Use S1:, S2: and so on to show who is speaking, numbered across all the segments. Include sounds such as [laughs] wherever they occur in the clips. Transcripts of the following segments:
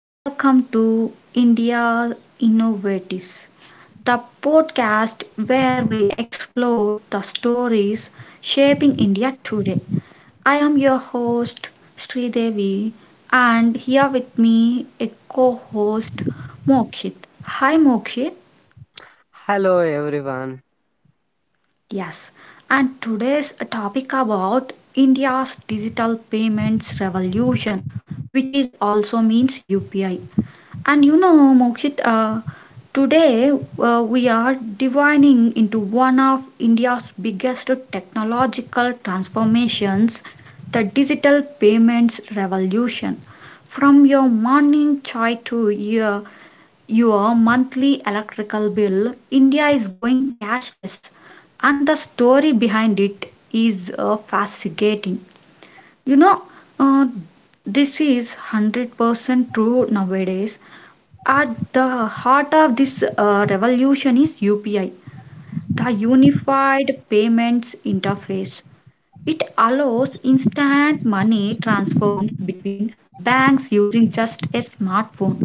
S1: welcome to India's Innovatives, the podcast where we explore the stories shaping India today. I am your host Sri Devi, and here with me a co-host Mokshit. Hi Mokshit.
S2: Hello everyone.
S1: Yes, and today's topic about India's digital payments revolution, which is also means UPI. And you know, Mokshit, today we are divining into one of India's biggest technological transformations, the digital payments revolution. From your morning chai to your monthly electrical bill, India is going cashless. And the story behind it is fascinating. You know, uh, this is 100% true nowadays. At the heart of this revolution is UPI, the Unified Payments Interface. It allows instant money transfers between banks using just a smartphone.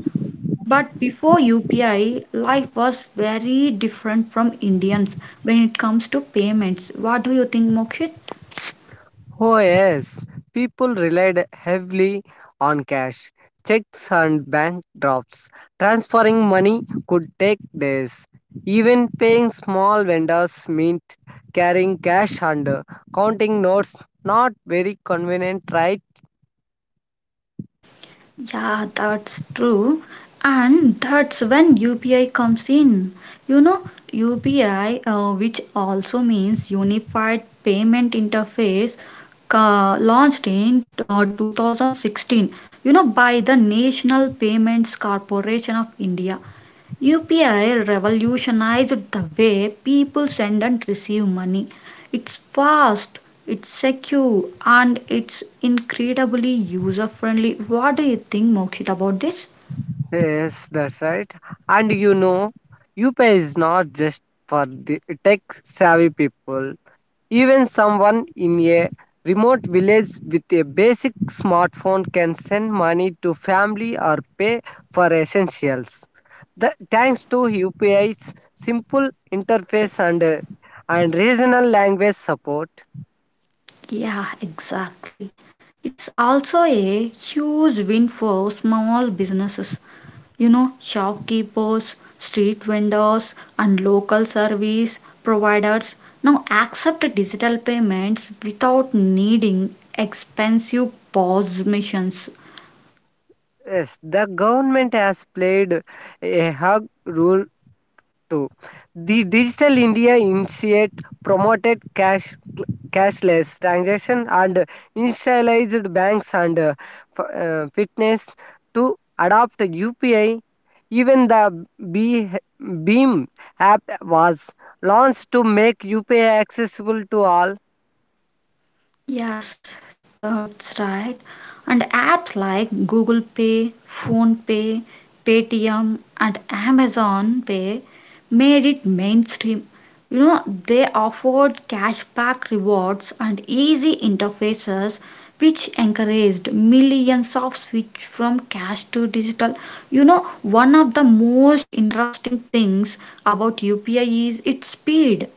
S1: But before UPI, life was very different from Indians when it comes to payments. What do you think, Mokshit?
S2: Oh yes, people relied heavily on cash, checks and bank drops. Transferring money could take days. Even paying small vendors meant carrying cash and counting notes. Not very convenient, right?
S1: Yeah, that's true. And that's when UPI comes in. You know, UPI, which also means Unified Payment Interface, launched in 2016, you know, by the National Payments Corporation of India. UPI revolutionized the way people send and receive money. It's fast, it's secure, and it's incredibly user friendly. What do you think, Mokshit, about this?
S2: Yes, that's right. And you know, UPI is not just for the tech savvy people. Even someone in a remote village with a basic smartphone can send money to family or pay for essentials. The, thanks to UPI's simple interface and regional language support,
S1: Yeah, exactly. It's also a huge win for small businesses. You know, shopkeepers, street vendors, and local service providers now accept digital payments without needing expensive POS machines.
S2: yes, the government has played a hug role too. The Digital India initiate promoted cashless transaction and institutionalized banks and fitness to adopt UPI. Even the B- Beam app was launched to make UPI accessible to all.
S1: Yes, that's right. And apps like Google Pay, Phone Pay, Paytm, and Amazon Pay made it mainstream. You know, they offered cashback rewards and easy interfaces, which encouraged millions of switch from cash to digital. You know, one of the most interesting things about UPI is its speed.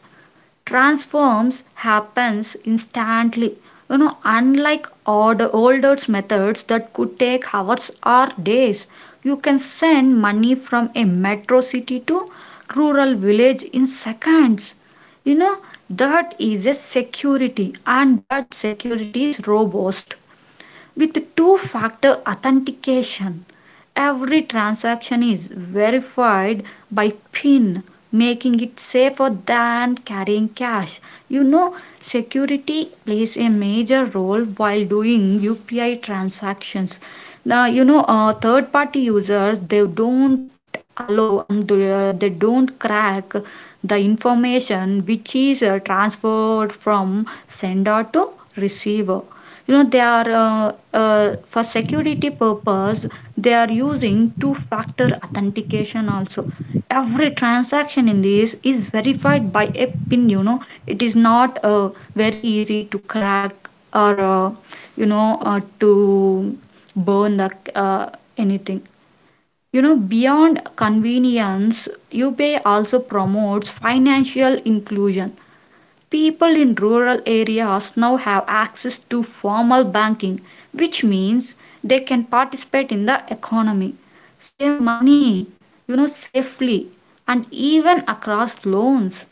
S1: Transforms happens instantly, you know, unlike older methods that could take hours or days. You can send money from a metro city to rural village in seconds. You know, that is a security, and that security is robust with two factor authentication. Every transaction is verified by PIN, making it safer than carrying cash. You know, security plays a major role while doing UPI transactions. Now, you know, third party users, they don't allow, and they don't crack the information which is transferred from sender to receiver. You know, they are for security purpose, they are using two factor authentication also. Every transaction in this is verified by a pin. You know, it is not very easy to crack or you know, to burn the uh, anything. You know, beyond convenience, UPI also promotes financial inclusion. People in rural areas now have access to formal banking, which means they can participate in the economy, save money, you know, safely, and even across loans.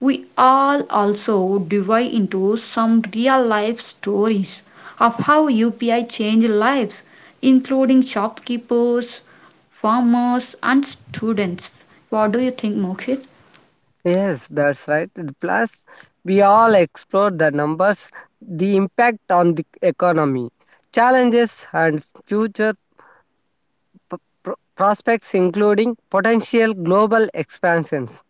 S1: We all also dive into some real life stories of how UPI changed lives, including shopkeepers, farmers, and students. What do you think, Mokshit?
S2: Yes, that's right. And plus, we all explore the numbers, the impact on the economy, challenges, and future p- prospects including potential global expansions.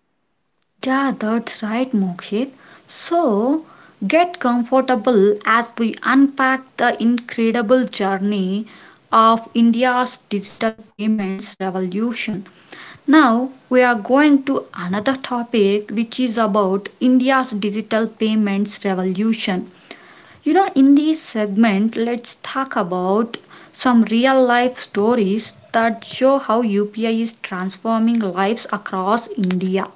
S1: Yeah, that's right, Mokshit. So, get comfortable as we unpack the incredible journey of India's digital payments revolution. Now, we are going to another topic which is about India's digital payments revolution. You know, in this segment, let's talk about some real life stories that show how UPI is transforming lives across India.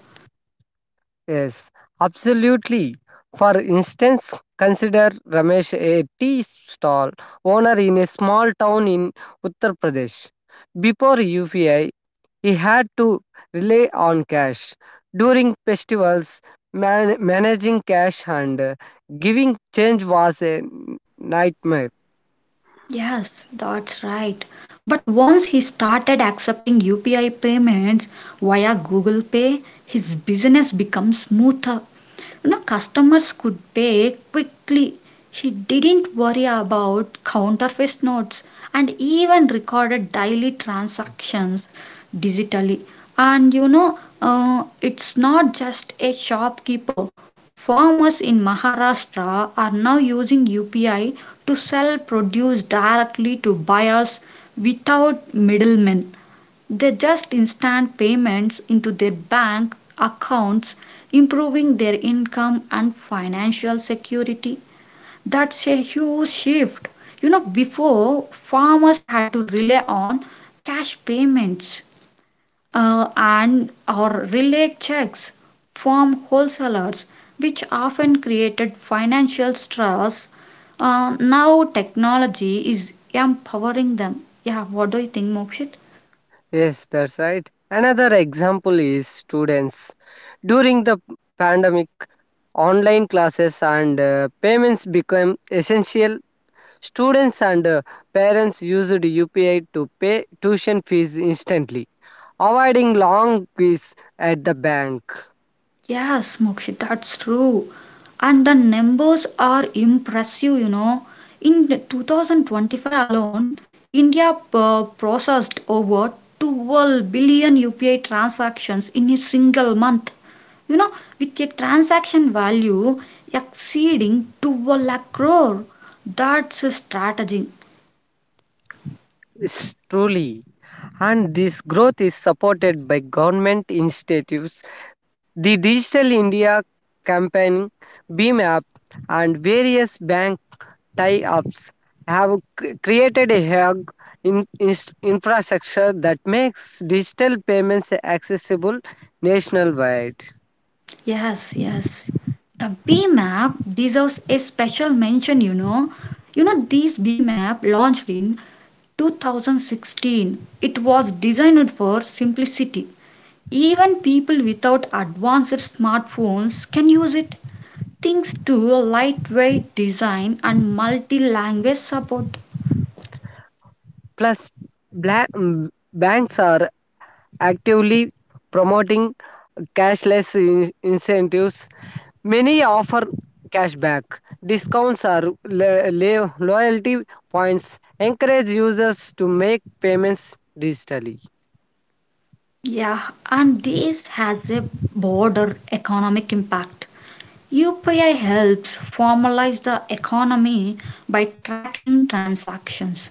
S2: Yes, absolutely. For instance, consider Ramesh, a tea stall owner in a small town in Uttar Pradesh. Before UPI, he had to rely on cash. During festivals, managing cash and giving change was a nightmare.
S1: Yes, that's right. But once he started accepting UPI payments via Google Pay, his business became smoother. You know, customers could pay quickly. He didn't worry about counterfeit notes and even recorded daily transactions digitally. And you know, it's not just a shopkeeper. Farmers in Maharashtra are now using UPI to sell produce directly to buyers without middlemen. They just instant payments into their bank accounts, improving their income and financial security. That's a huge shift. You know, before farmers had to rely on cash payments, and or relay checks from wholesalers, which often created financial stress. Now technology is empowering them. Yeah, what do you think, Mokshit?
S2: Yes, that's right. Another example is students. During the pandemic, online classes and payments became essential. Students and parents used UPI to pay tuition fees instantly, avoiding long queues at the bank.
S1: Yes, Mokshi, that's true. And the numbers are impressive, you know. In 2025 alone, India processed over 12 billion UPI transactions in a single month. You know, with a transaction value exceeding 12 lakh crore. That's a strategy.
S2: It's truly. And this growth is supported by government initiatives. The Digital India campaign, BEAM app, and various bank tie-ups have created a hug infrastructure that makes digital payments accessible nationwide.
S1: Yes, yes. The B map deserves a special mention, you know. You know, this B map launched in 2016. It was designed for simplicity. Even people without advanced smartphones can use it. Thanks to lightweight design and multi language support.
S2: Plus, black, mm, banks are actively promoting cashless incentives. Many offer cashback, discounts, or loyalty points. Encourage users to make payments digitally.
S1: Yeah, and this has a broader economic impact. UPI helps formalize the economy by tracking transactions.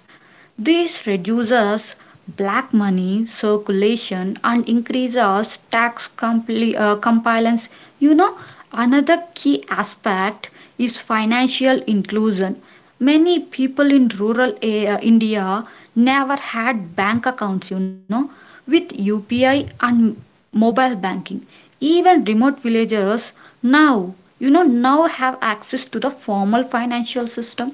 S1: This reduces black money circulation and increases tax compliance. You know, another key aspect is financial inclusion. Many people in rural India never had bank accounts, you know. With UPI and mobile banking, even remote villagers now, now have access to the formal financial system.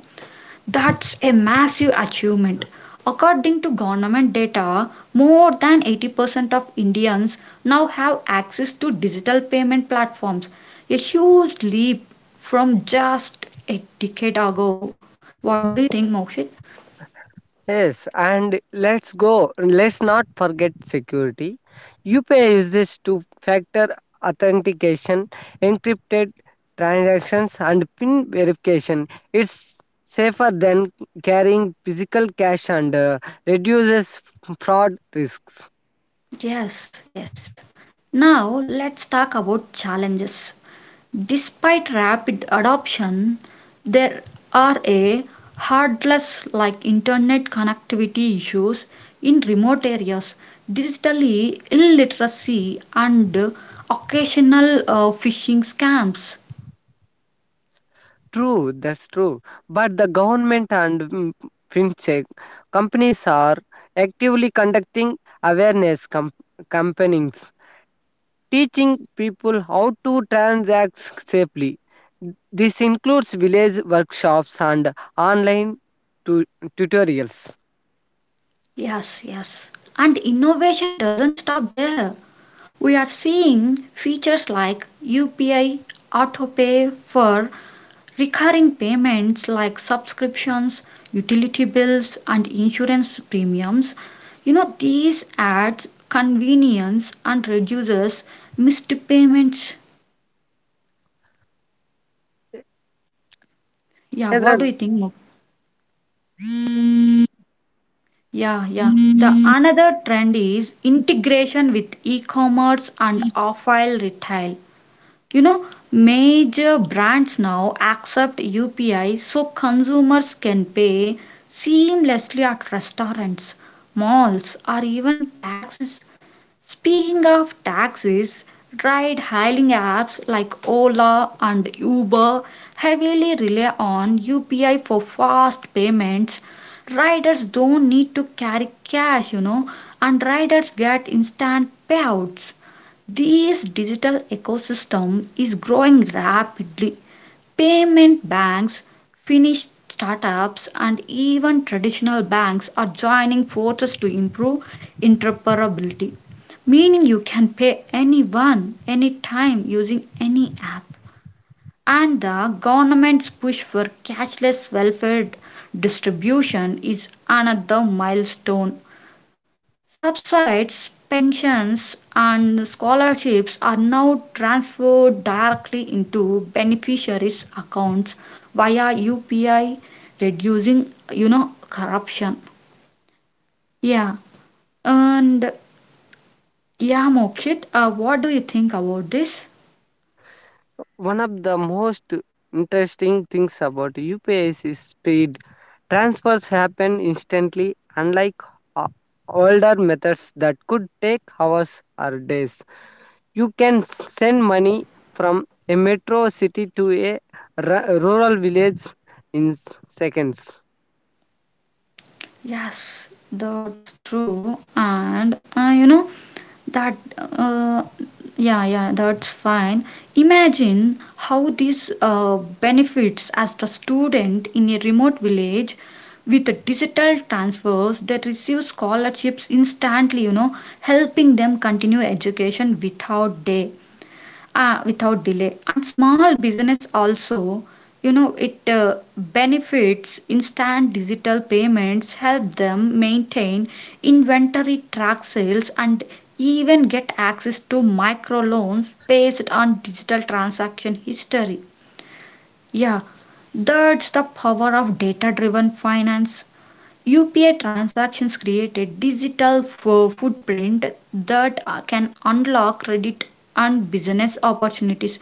S1: That's a massive achievement. According to government data, more than 80% of Indians now have access to digital payment platforms, a huge leap from just a decade ago. What do you think, Mokshit?
S2: Yes, and let's go. Let's not forget security. UPI uses two factor authentication, encrypted transactions, and PIN verification. It's safer than carrying physical cash and reduces fraud risks.
S1: Yes, yes. Now let's talk about challenges. Despite rapid adoption, there are a hurdles like internet connectivity issues in remote areas, digital illiteracy, and occasional phishing scams.
S2: True, that's true. But the government and fintech companies are actively conducting awareness campaigns teaching people how to transact safely. This includes village workshops and online tu- tutorials.
S1: Yes, yes. And innovation doesn't stop there. We are seeing features like UPI autopay for recurring payments like subscriptions, utility bills, and insurance premiums. You know, these adds convenience and reduces missed payments. Yeah, what do you think, Muk? Yeah, yeah. The another trend is integration with e-commerce and offline retail. You know, major brands now accept UPI, so consumers can pay seamlessly at restaurants, malls, or even taxis. Speaking of taxis, ride hailing apps like Ola and Uber heavily rely on UPI for fast payments. Riders don't need to carry cash, you know, and riders get instant payouts. This digital ecosystem is growing rapidly. Payment banks, Finnish startups, and even traditional banks are joining forces to improve interoperability, meaning you can pay anyone, anytime using any app. And the government's push for cashless welfare distribution is another milestone. Subsidies, pensions, and scholarships are now transferred directly into beneficiaries' accounts via UPI, reducing, you know, corruption. Yeah, and yeah, Mokshit, what do you think about this?
S2: One of the most interesting things about UPS is speed. Transfers happen instantly, unlike o- older methods that could take hours or days. You can send money from a metro city to a rural village in seconds.
S1: Yes, that's true. And you know that yeah, yeah, that's fine. Imagine how this benefits as the student in a remote village with the digital transfers that receive scholarships instantly, you know, helping them continue education without delay. And small business also, you know, it benefits instant digital payments, help them maintain inventory, track sales, and even get access to microloans based on digital transaction history. Yeah, that's the power of data driven finance. UPI transactions create a digital footprint that can unlock credit and business opportunities.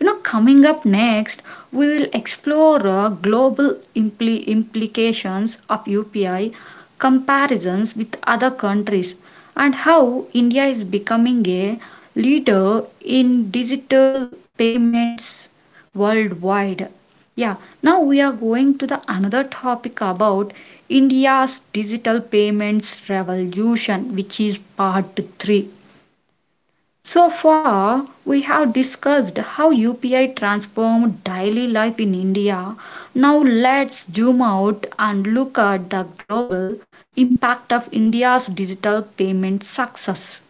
S1: You know, coming up next, we will explore global implications of UPI, comparisons with other countries, and how India is becoming a leader in digital payments worldwide. Yeah, now we are going to the another topic about India's digital payments revolution, which is part 3. So far, we have discussed how UPI transformed daily life in India. Now let's zoom out and look at the global impact of India's digital payment success.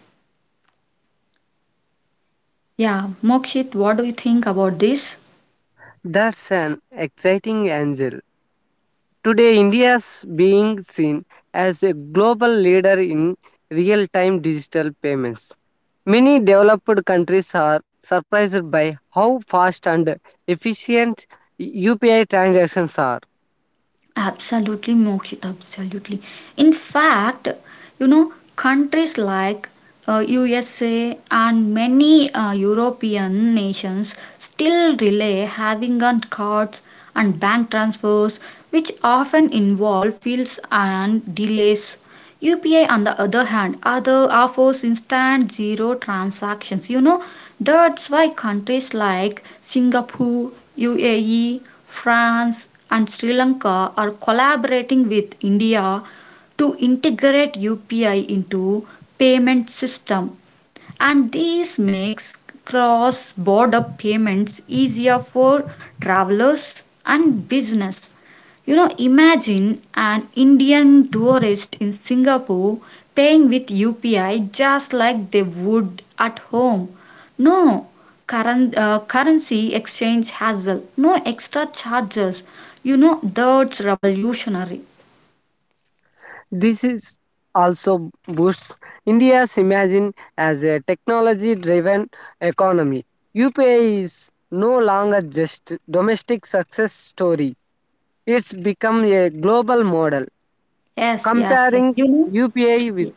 S1: Yeah, Mokshit, what do you think about this?
S2: That's an exciting angle. Today, India's being seen as a global leader in real time digital payments. Many developed countries are surprised by how fast and efficient UPI transactions are.
S1: Absolutely, Mokshit, absolutely. In fact, you know, countries like USA and many European nations still rely having on cards and bank transfers, which often involve fees and delays. UPI, on the other hand, other offers instant zero transactions. You know, that's why countries like Singapore, UAE, France, and Sri Lanka are collaborating with India to integrate UPI into payment system. And this makes cross-border payments easier for travelers and business. You know, imagine an Indian tourist in Singapore paying with UPI just like they would at home. No currency exchange hassle, no extra charges. You know, that's revolutionary.
S2: This is also boosts India's image as a technology driven economy. UPI is no longer just domestic success story. It's become a global model
S1: Yes, yes, yes.
S2: comparing
S1: You know,
S2: UPI with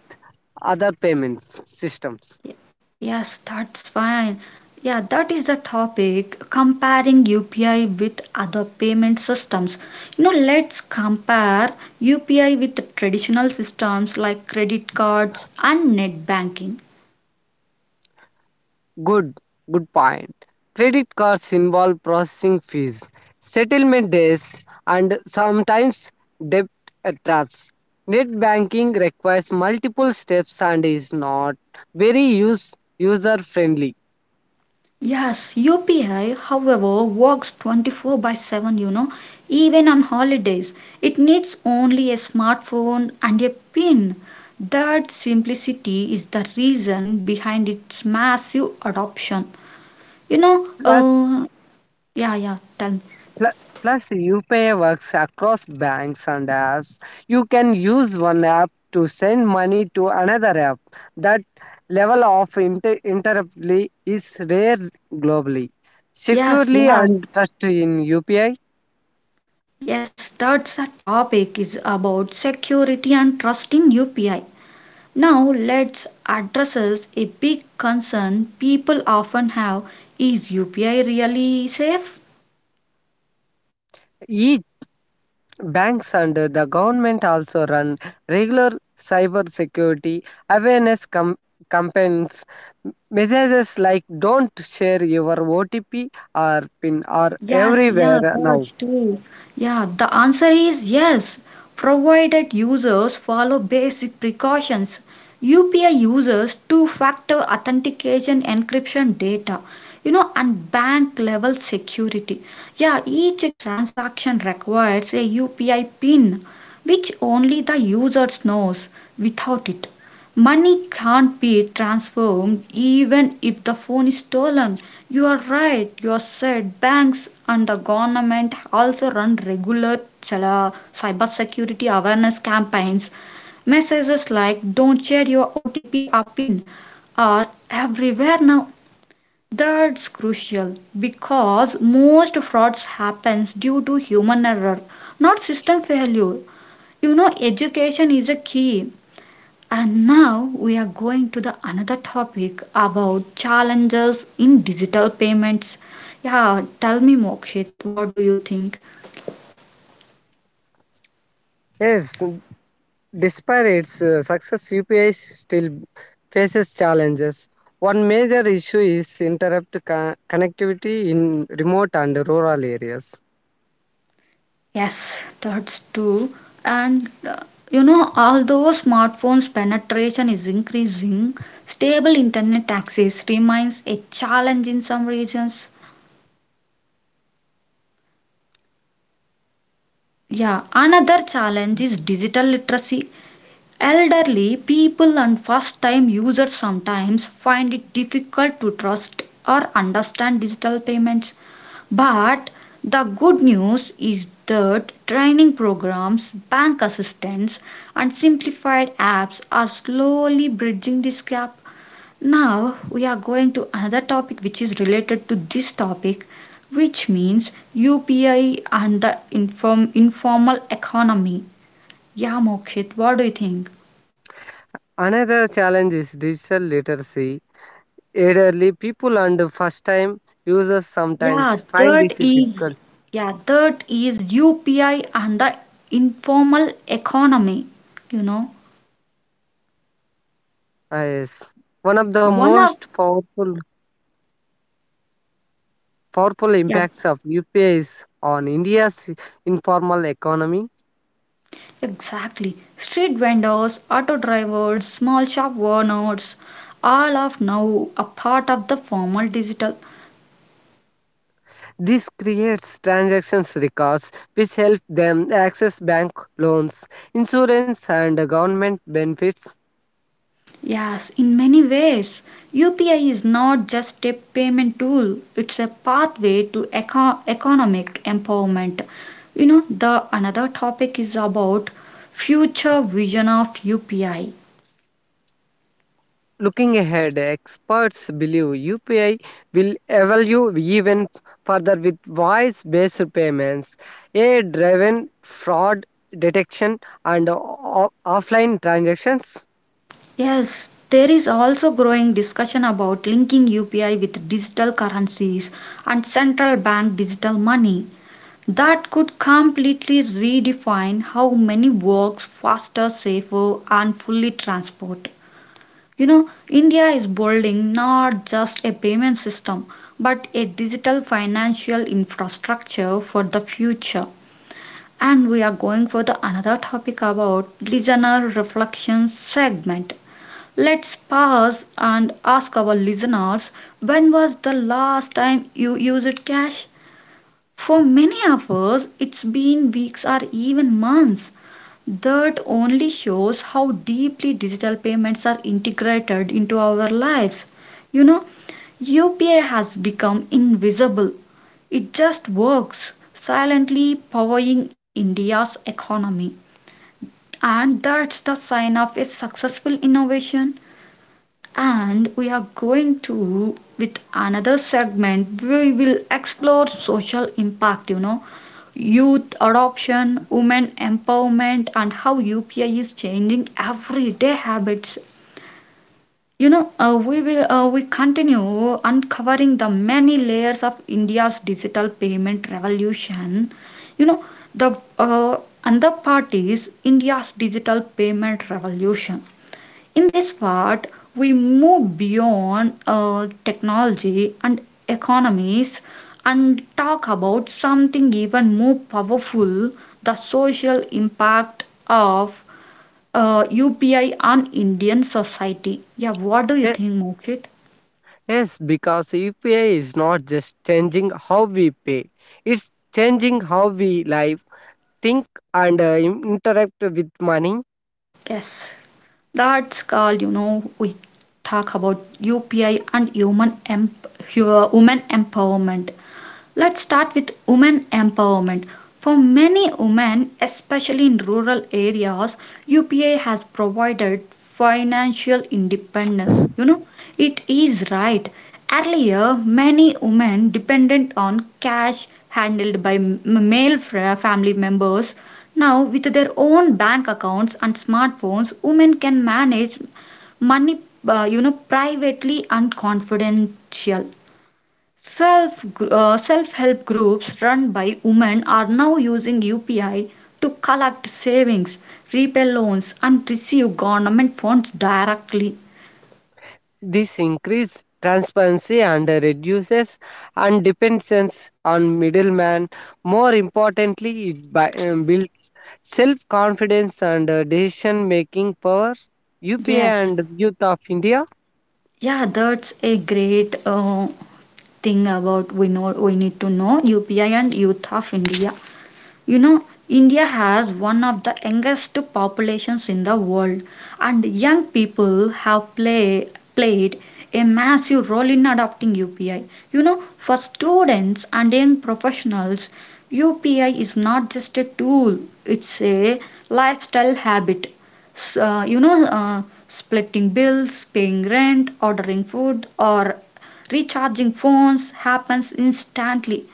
S2: other payments systems.
S1: Y- yes, that's fine. Yeah, that is the topic comparing UPI with other payment systems. You know, let's compare UPI with the traditional systems like credit cards and net banking.
S2: Good, good point. Credit cards involve processing fees, settlement days, and sometimes debt traps. Net banking requires multiple steps and is not very user friendly.
S1: Yes, UPI, however, works 24 by 7, you know, even on holidays. It needs only a smartphone and a PIN. That simplicity is the reason behind its massive adoption. You know,
S2: Plus,
S1: yeah, yeah, tell me.
S2: Pl- plus, UPI works across banks and apps. You can use one app to send money to another app. That level of interoperability is rare globally.
S1: Yes,
S2: Securely
S1: yeah,
S2: and trust in UPI,
S1: yes, that's the topic is about security and trust in UPI. Now let's address a big concern people often have. Is UPI really safe?
S2: each banks and the government also run regular cyber security awareness campaigns. Messages like "Don't share your OTP" or PIN are
S1: Yes, yeah,
S2: everywhere now.
S1: birds too. Yeah, the answer is yes, provided users follow basic precautions. UPI users two-factor authentication, encryption data, you know, and bank-level security. Yeah, each transaction requires a UPI PIN, which only the users knows. Without it, money can't be transformed even if the phone is stolen. You are right. You are said banks and the government also run regular cybersecurity awareness campaigns. Messages like don't share your OTP or PIN are everywhere now. That's crucial because most frauds happens due to human error, not system failure. You know, education is a key. And now we are going to the another topic about challenges in digital payments. Yeah, tell me Mokshit, what do you think?
S2: Yes, despite its success, UPI still faces challenges. One major issue is interrupt connectivity in remote and rural areas.
S1: Yes, that's true. And you know, although smartphones penetration is increasing, stable internet access remains a challenge in some regions. Yeah, another challenge is digital literacy. Elderly people and first time users sometimes find it difficult to trust or understand digital payments. But the good news is that training programs, bank assistance, and simplified apps are slowly bridging this gap. Now we are going to another topic which is related to this topic, which means UPI and the informal economy. Yeah, Mokshit, what do you think?
S2: Another challenge is digital literacy. Elderly people and first time users
S1: Yeah,
S2: sometimes find
S1: that
S2: it
S1: is
S2: difficult.
S1: yeah, that is UPI and the informal economy, you know.
S2: Yes. One of the
S1: One
S2: most
S1: of
S2: powerful
S1: Yeah,
S2: impacts of UPI is on India's informal economy.
S1: exactly. Street vendors, auto drivers, small shop owners, all of now a part of the formal digital.
S2: This creates transactions records which help them access bank loans, insurance and government benefits.
S1: Yes, in many ways, UPI is not just a payment tool, it's a pathway to economic empowerment. You know, the another topic is about future vision of UPI.
S2: Looking ahead, experts believe UPI will evolve even further with voice-based payments, AI-driven fraud detection and offline transactions.
S1: Yes, there is also growing discussion about linking UPI with digital currencies and central bank digital money that could completely redefine how money works faster, safer and fully transport. You know, India is building not just a payment system, but a digital financial infrastructure for the future. And we are going for the another topic about listener reflection segment. Let's pause and ask our listeners, when was the last time you used cash? For many of us, it's been weeks or even months. That only shows how deeply digital payments are integrated into our lives. You know, UPI has become invisible. It just works, silently powering India's economy. And that's the sign of a successful innovation, and we are going to with another segment. We will explore social impact, you know, youth adoption, women empowerment, and how upi is changing everyday habits. We continue uncovering the many layers of india's digital payment revolution. You know the uh, Another part is india's digital payment revolution. In this part, we move beyond technology and economies and talk about something even more powerful: the social impact of UPI on Indian society. Yeah, what do you
S2: Ye-
S1: think, Mokshit?
S2: Yes, because UPI is not just changing how we pay, it's changing how we live think and interact with money.
S1: Yes, that's called, you know, we talk about UPI and human, women empowerment. Let's start with women empowerment. For many women, especially in rural areas, UPA has provided financial independence. You know, it is right. Earlier, many women depended on cash handled by male family members. Now, with their own bank accounts and smartphones, women can manage money, you know, privately and confidential. Self-help groups run by women are now using UPI to collect savings, repay loans, and receive government funds directly.
S2: This increases transparency and reduces and dependence on middleman. More importantly, it builds self-confidence and decision-making power. UPA
S1: Yes,
S2: and Youth of India
S1: yeah, that's a great thing about. We know we need to know UPI and Youth of India. You know, India has one of the youngest populations in the world, and young people have played a massive role in adopting UPI. You know, for students and young professionals, UPI is not just a tool, it's a lifestyle habit. You know, splitting bills, paying rent, ordering food, or recharging phones happens instantly.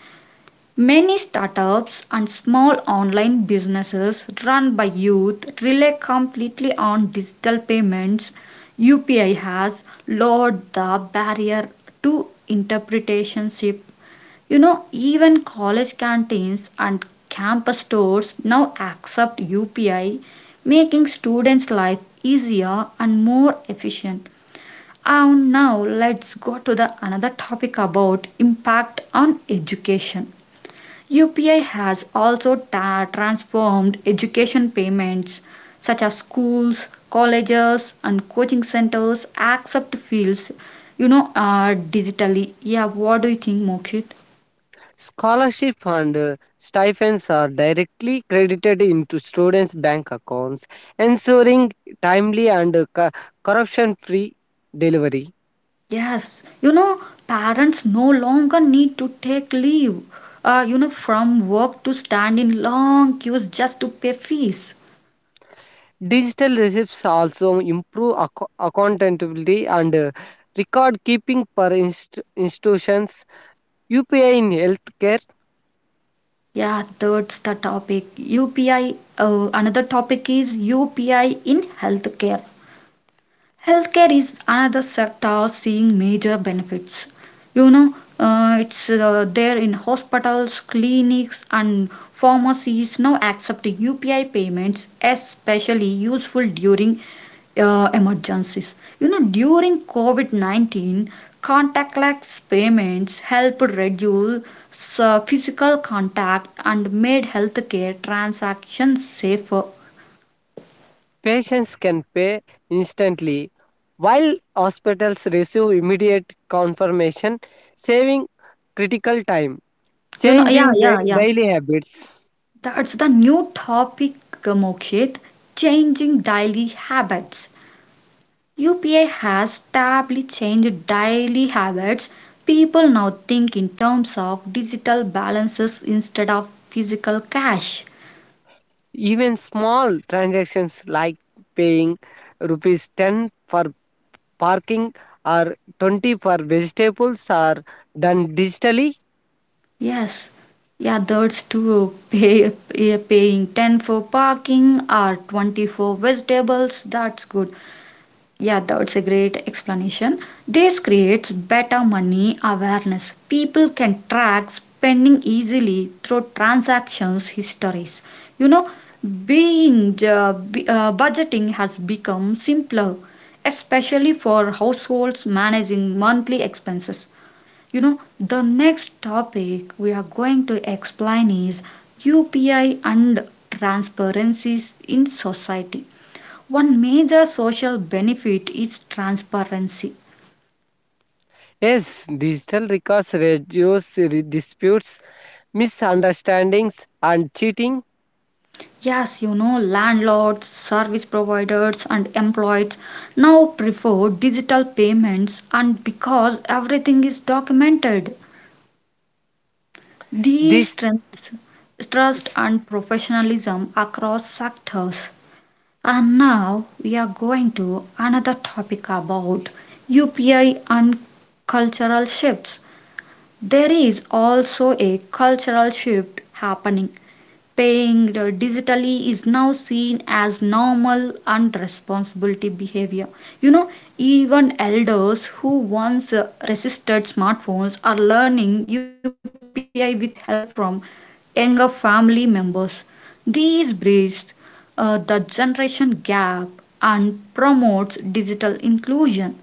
S1: Many startups and small online businesses run by youth rely completely on digital payments. UPI has lowered the barrier to entrepreneurship. You know, even college canteens and campus stores now accept UPI, making students' life easier and more efficient. And now let's go to the another topic about impact on education. UPI has also transformed education payments such as schools, colleges, and coaching centers accept fields, you know, digitally. Yeah, what do you think, Mokshit?
S2: scholarship and stipends are directly credited into students' bank accounts, ensuring timely and corruption free delivery.
S1: Yes, you know, parents no longer need to take leave, you know, from work to stand in long queues just to pay fees.
S2: Digital receipts also improve accountability and record keeping per institutions. UPI in healthcare,
S1: Yeah, that's the topic. Another topic is UPI in healthcare. Healthcare is another sector seeing major benefits. You know, it's There in hospitals, clinics, and pharmacies now accept UPI payments, especially useful during emergencies. You know, during COVID 19, contactless payments helped reduce physical contact and made healthcare transactions safer.
S2: patients can pay instantly, while hospitals receive immediate confirmation, saving critical time.
S1: You know, yeah,
S2: Changing
S1: yeah, yeah.
S2: daily habits.
S1: That's the new topic, Mokshit, changing daily habits. UPI has tably changed daily habits. People now think in terms of digital balances instead of physical cash.
S2: Even small transactions like paying rupees 10 for parking or 20 for vegetables are done digitally.
S1: Yes, yeah, that's to [laughs] yeah, paying 10 for parking or 20 for vegetables, that's good. Yeah, that's a great explanation. This creates better money awareness. People can track spending easily through transactions histories. You know, budgeting has become simpler, especially for households managing monthly expenses. You know, the next topic we are going to explain is UPI and transparencies in society. One major social benefit is transparency.
S2: Yes, digital records reduce disputes, misunderstandings, and cheating.
S1: Yes, you know, landlords, service providers, and employees now prefer digital payments, and because everything is documented, these
S2: This
S1: strengths trust
S2: s-
S1: and professionalism across sectors. And now we are going to another topic about UPI and cultural shifts. There is also a cultural shift happening. Paying digitally is now seen as normal and responsibility behavior. You know, even elders who once resisted smartphones are learning UPI with help from younger family members. These bridge the generation gap and promotes digital inclusion.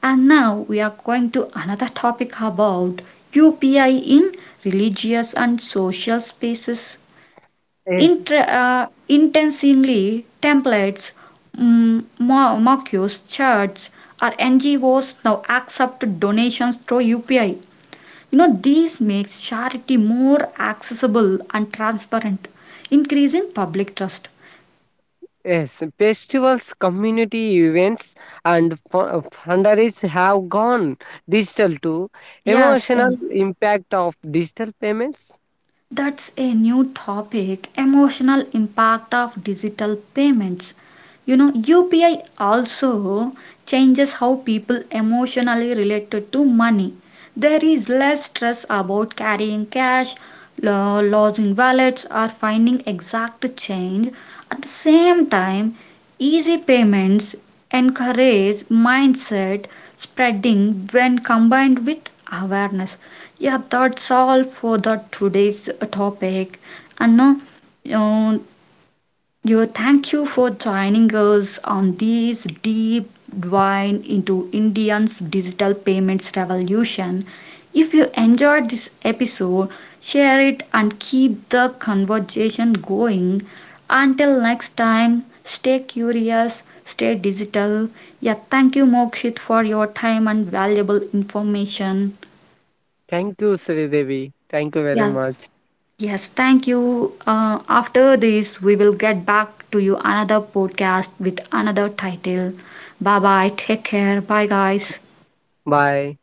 S1: And now we are going to another topic about UPI in religious and social spaces.
S2: yes,
S1: Intentionally templates, mock charts, or NGOs now accept donations through UPI. You know, these makes charity more accessible and transparent, increasing public trust.
S2: yes, festivals, community events, and fundraisers have gone digital too.
S1: Yes,
S2: Emotional impact of digital payments.
S1: that's a new topic, emotional impact of digital payments. You know, UPI also changes how people emotionally related to money. There is less stress about carrying cash, losing wallets, or finding exact change. At the same time, easy payments encourage mindset spreading when combined with awareness. Yeah, that's all for the today's topic. And now, uh, you thank you for joining us on this deep dive into Indians' digital payments revolution. If you enjoyed this episode, share it and keep the conversation going. Until next time, stay curious, stay digital. Yeah, thank you, Mokshit, for your time and valuable information.
S2: Thank you, Sridevi. Thank you very much.
S1: Yes, thank you. After this, we will get back to you another podcast with another title. Bye bye. Take care. Bye, guys.
S2: Bye.